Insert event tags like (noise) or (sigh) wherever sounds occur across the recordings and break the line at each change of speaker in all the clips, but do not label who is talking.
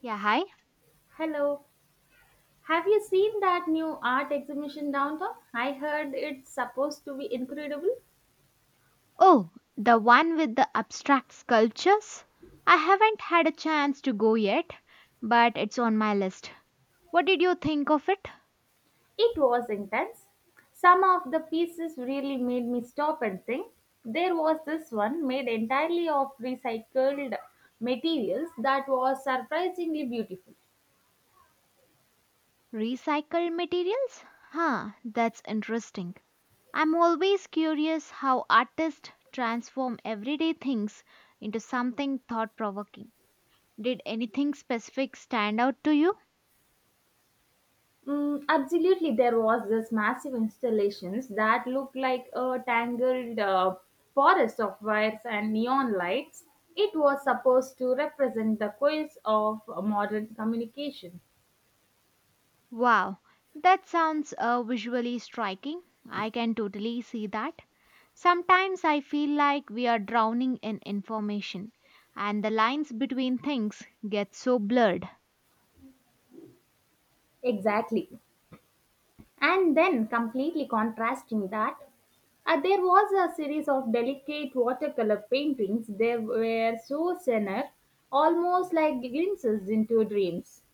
Yeah, hi.
Hello. Have you seen that new art exhibition downtown? I heard it's supposed to be incredible.
Oh, the one with the abstract sculptures? I haven't had a chance to go yet, but it's on my list. What did you think of it?
It was intense. Some of the pieces really made me stop and think. There was this one made entirely of recycled materials that was surprisingly beautiful.
Recycled materials? Huh, that's interesting. I'm always curious how artists transform everyday things into something thought provoking. Did anything specific stand out to you?
Mm, absolutely, there was this massive installations that looked like a tangled forest of wires and neon lights. It was supposed to represent the coils of modern communication.
Wow, that sounds visually striking. I can totally see that. Sometimes I feel like we are drowning in information and the lines between things get so blurred.
Exactly. And then, completely contrasting that, there was a series of delicate watercolor paintings. They were so senor, almost like glimpses into dreams.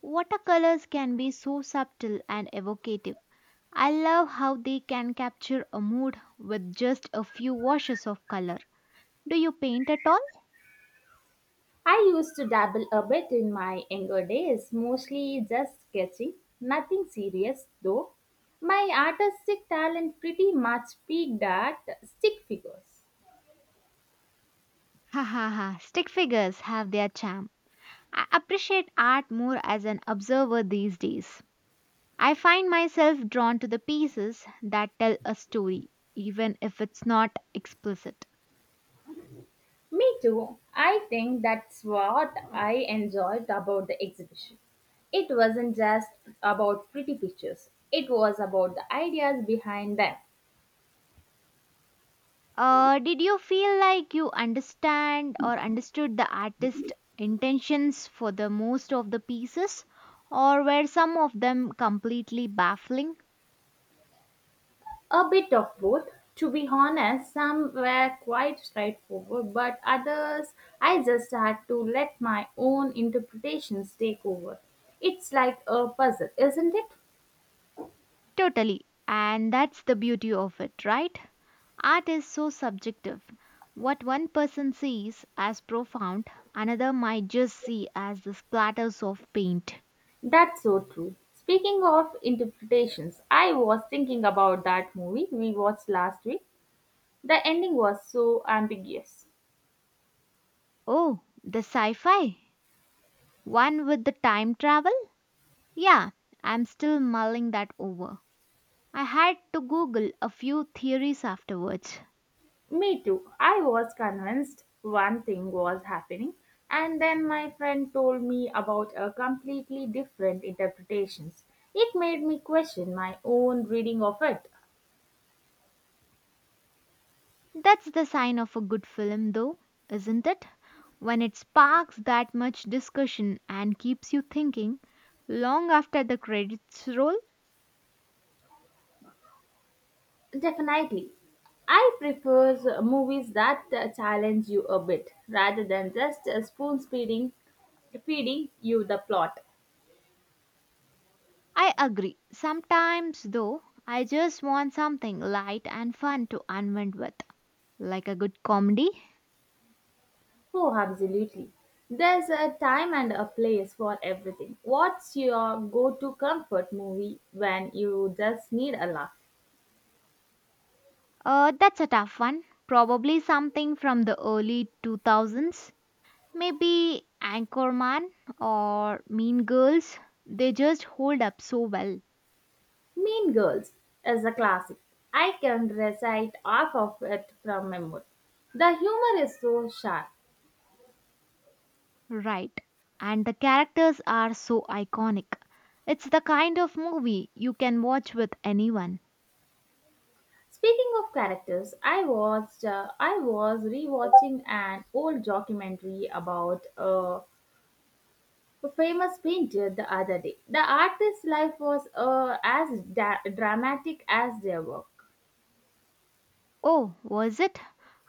Watercolors can be so subtle and evocative. I love how they can capture a mood with just a few washes of color. Do you paint at all?
I used to dabble a bit in my younger days, mostly just sketching, nothing serious though. My artistic talent pretty much peaked at stick figures.
(laughs) Ha ha ha, stick figures have their charm. I appreciate art more as an observer these days. I find myself drawn to the pieces that tell a story, even if it's not explicit.
Me too. I think that's what I enjoyed about the exhibition. It wasn't just about pretty pictures, it was about the ideas behind them.
Did you feel like you understand or understood the artist's intentions for the most of the pieces, or were some of them completely baffling?
A bit of both. To be honest, some were quite straightforward, but others I just had to let my own interpretations take over. It's like a puzzle, isn't it?
Totally. And that's the beauty of it, right? Art is so subjective. What one person sees as profound, another might just see as the splatters of paint.
That's so true. Speaking of interpretations, I was thinking about that movie we watched last week. The ending was so ambiguous.
Oh, the sci fi? One with the time travel? Yeah, I'm still mulling that over. I had to Google a few theories afterwards.
Me too. I was convinced one thing was happening, and then my friend told me about a completely different interpretations. It made me question my own reading of it.
That's the sign of a good film, though, isn't it? When it sparks that much discussion and keeps you thinking long after the credits roll.
Definitely. I prefer movies that challenge you a bit rather than just feeding you the plot.
I agree. Sometimes, though, I just want something light and fun to unwind with, like a good comedy.
Oh, absolutely. There's a time and a place for everything. What's your go to comfort movie when you just need a laugh?
That's a tough one. Probably something from the early 2000s. Maybe Anchorman or Mean Girls. They just hold up so well.
Mean Girls is a classic. I can recite half of it from memory. The humor is so sharp.
Right. And the characters are so iconic. It's the kind of movie you can watch with anyone.
Speaking of characters, I watched I was rewatching an old documentary about a famous painter the other day. The artist's life was as dramatic as their work.
Oh, was it?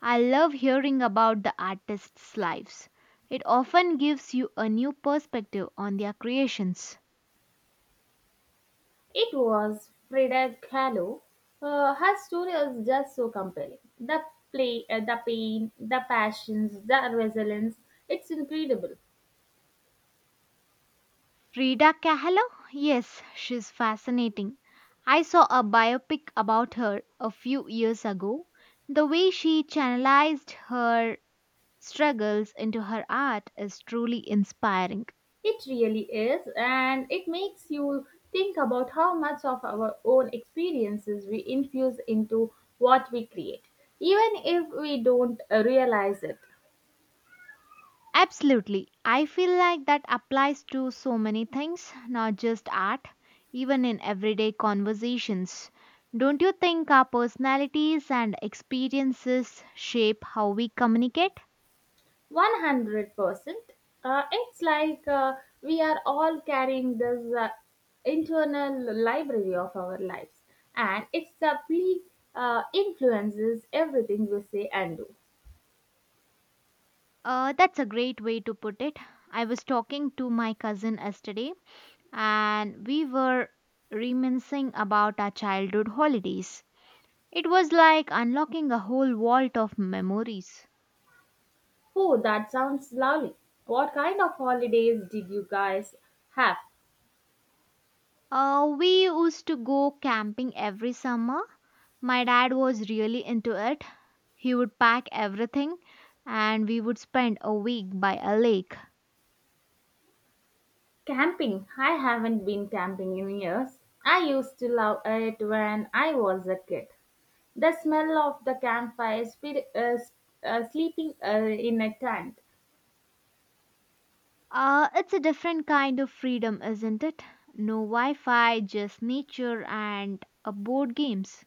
I love hearing about the artists' lives. It often gives you a new perspective on their creations.
It was Frida Kahlo. Her story is just so compelling. The play, the pain, the passions, the resilience. It's incredible.
Frida Kahlo? Yes, she's fascinating. I saw a biopic about her a few years ago. The way she channelized her struggles into her art is truly inspiring.
It really is, and it makes you think about how much of our own experiences we infuse into what we create, even if we don't realize it.
Absolutely. I feel like that applies to so many things, not just art, even in everyday conversations. Don't you think our personalities and experiences shape how we communicate?
100%. It's like we are all carrying this internal library of our lives, and it subtly influences everything we say and do.
That's a great way to put it. I was talking to my cousin yesterday and we were reminiscing about our childhood holidays. It was like unlocking a whole vault of memories.
Oh, that sounds lovely. What kind of holidays did you guys have?
We used to go camping every summer. My dad was really into it. He would pack everything and we would spend a week by a lake.
Camping. I haven't been camping in years. I used to love it when I was a kid. The smell of the campfire, sleeping in a tent.
It's a different kind of freedom, isn't it? No Wi Fi, just nature and board games.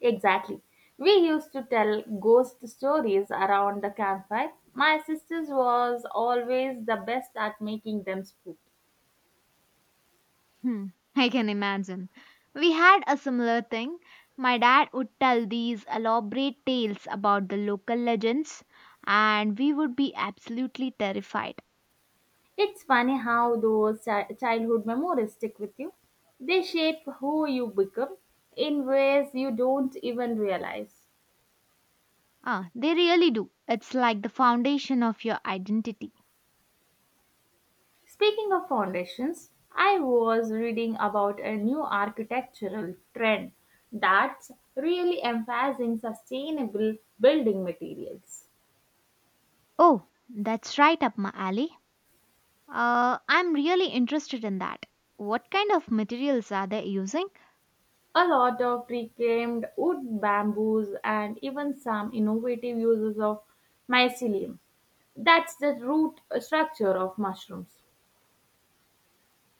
Exactly. We used to tell ghost stories around the campfire. My sisters was always the best at making them spook.
Hmm, (laughs) I can imagine. We had a similar thing. My dad would tell these elaborate tales about the local legends, and we would be absolutely terrified.
It's funny how those childhood memories stick with you. They shape who you become in ways you don't even realize.
Ah, they really do. It's like the foundation of your identity.
Speaking of foundations, I was reading about a new architectural trend that's really emphasizing sustainable building materials.
Oh, that's right up my alley. I'm really interested in that. What kind of materials are they using?
A lot of reclaimed wood, bamboos, and even some innovative uses of mycelium. That's the root structure of mushrooms.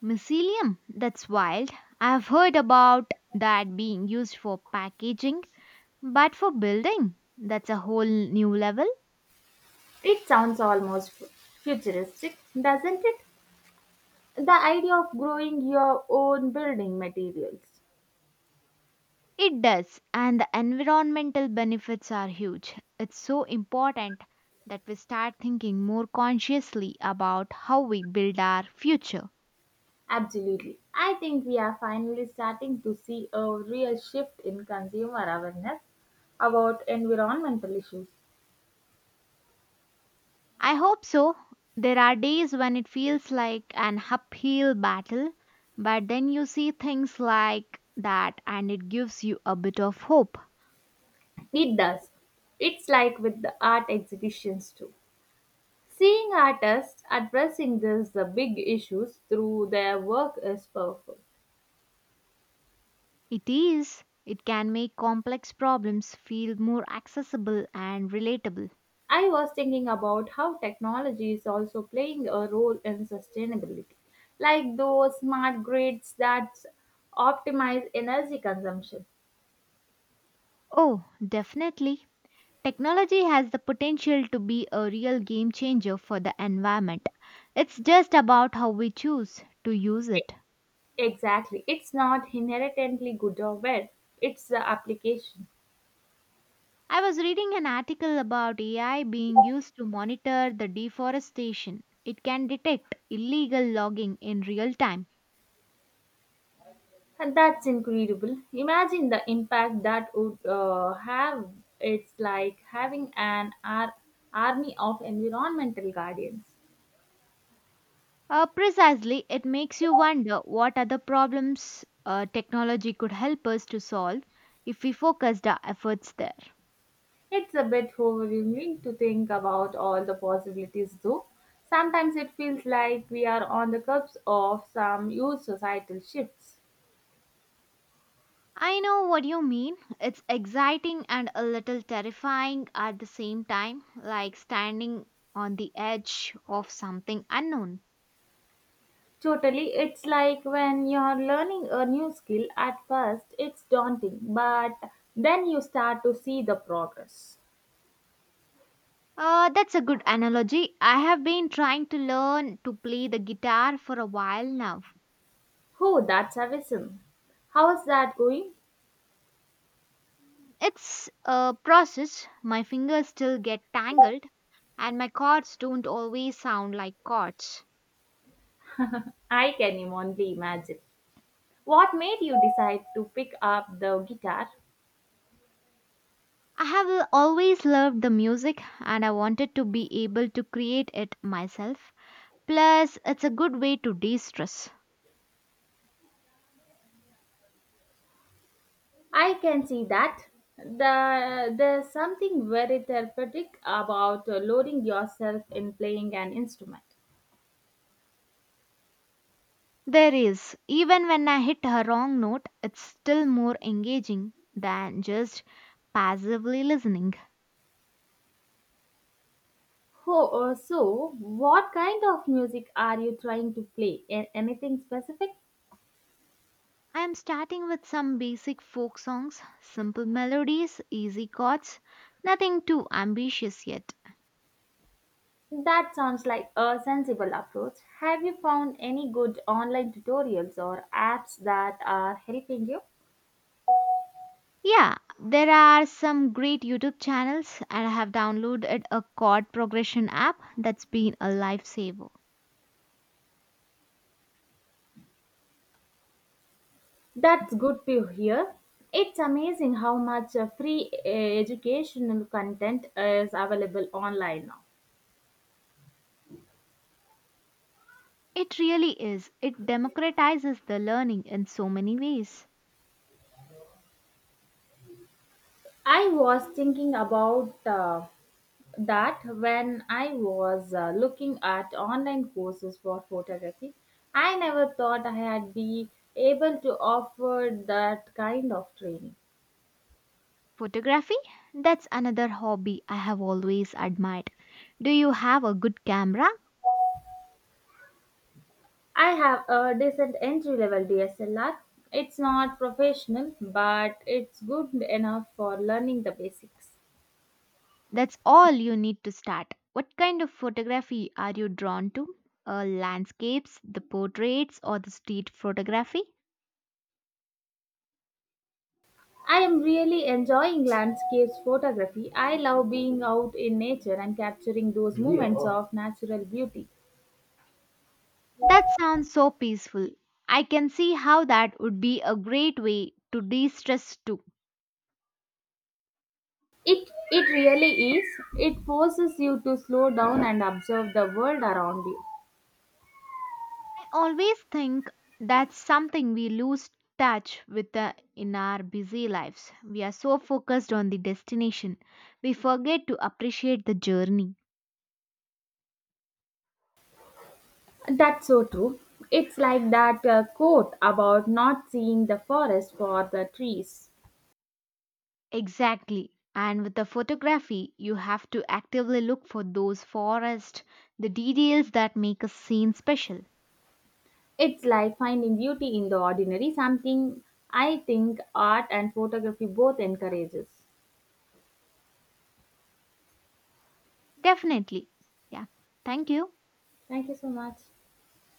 Mycelium, that's wild. I've heard about that being used for packaging, but for building, that's a whole new level.
It sounds almost futuristic, doesn't it? The idea of growing your own building materials.
It does, and the environmental benefits are huge. It's so important that we start thinking more consciously about how we build our future.
Absolutely. I think we are finally starting to see a real shift in consumer awareness about environmental issues.
I hope so. There are days when it feels like an uphill battle, but then you see things like that and it gives you a bit of hope.
It does. It's like with the art exhibitions too. Seeing artists addressing these big issues through their work is powerful.
It is. It can make complex problems feel more accessible and relatable.
I was thinking about how technology is also playing a role in sustainability, like those smart grids that optimize energy consumption.
Oh, definitely. Technology has the potential to be a real game changer for the environment. It's just about how we choose to use
E-
it.
Exactly. It's not inherently good or bad, it's the application.
I was reading an article about AI being used to monitor the deforestation. It can detect illegal logging in real time.
And that's incredible. Imagine the impact that would have. It's like having an army of environmental guardians.
Precisely, it makes you wonder what other problems technology could help us to solve if we focused our efforts there.
It's a bit overwhelming to think about all the possibilities, though. Sometimes it feels like we are on the cusp of some huge societal shifts.
I know what you mean. It's exciting and a little terrifying at the same time, like standing on the edge of something unknown.
Totally, it's like when you're learning a new skill at first, it's daunting, but then you start to see the progress.
That's a good analogy. I have been trying to learn to play the guitar for a while now.
Oh, that's awesome. How's that going?
It's a process. My fingers still get tangled and my chords don't always sound like chords.
Only imagine. What made you decide to pick up the guitar?
I have always loved the music and I wanted to be able to create it myself. Plus, it's a good way to de stress.
I can see that. There's something very therapeutic about loading yourself in playing an instrument.
There is, even when I hit a wrong note, it's still more engaging than just passively listening.
Oh, so what kind of music are you trying to play? Anything specific?
I am starting with some basic folk songs, simple melodies, easy chords, nothing too ambitious yet.
That sounds like a sensible approach. Have you found any good online tutorials or apps that are helping you?
Yeah, there are some great YouTube channels, and I have downloaded a chord progression app that's been a lifesaver.
That's good to hear. It's amazing how much free educational content is available online now.
It really is. It democratizes the learning in so many ways.
I was thinking about that when I was looking at online courses for photography. I never thought I had be able to offer that kind of training.
Photography? That's another hobby I have always admired. Do you have a good camera?
I have a decent entry level DSLR. It's not professional, but it's good enough for learning the basics.
That's all you need to start. What kind of photography are you drawn to? Landscapes, the portraits, or the street photography?
I am really enjoying landscapes photography. I love being out in nature and capturing those moments of natural beauty.
That sounds so peaceful. I can see how that would be a great way to de stress too.
It really is. It forces you to slow down and observe the world around you.
I always think that's something we lose touch with in our busy lives. We are so focused on the destination, we forget to appreciate the journey.
That's so true. It's like that quote about not seeing the forest for the trees.
Exactly. And with the photography, you have to actively look for those forests, the details that make a scene special.
It's like finding beauty in the ordinary, something I think art and photography both encourages.
Definitely. Yeah. Thank you.
Thank you so much.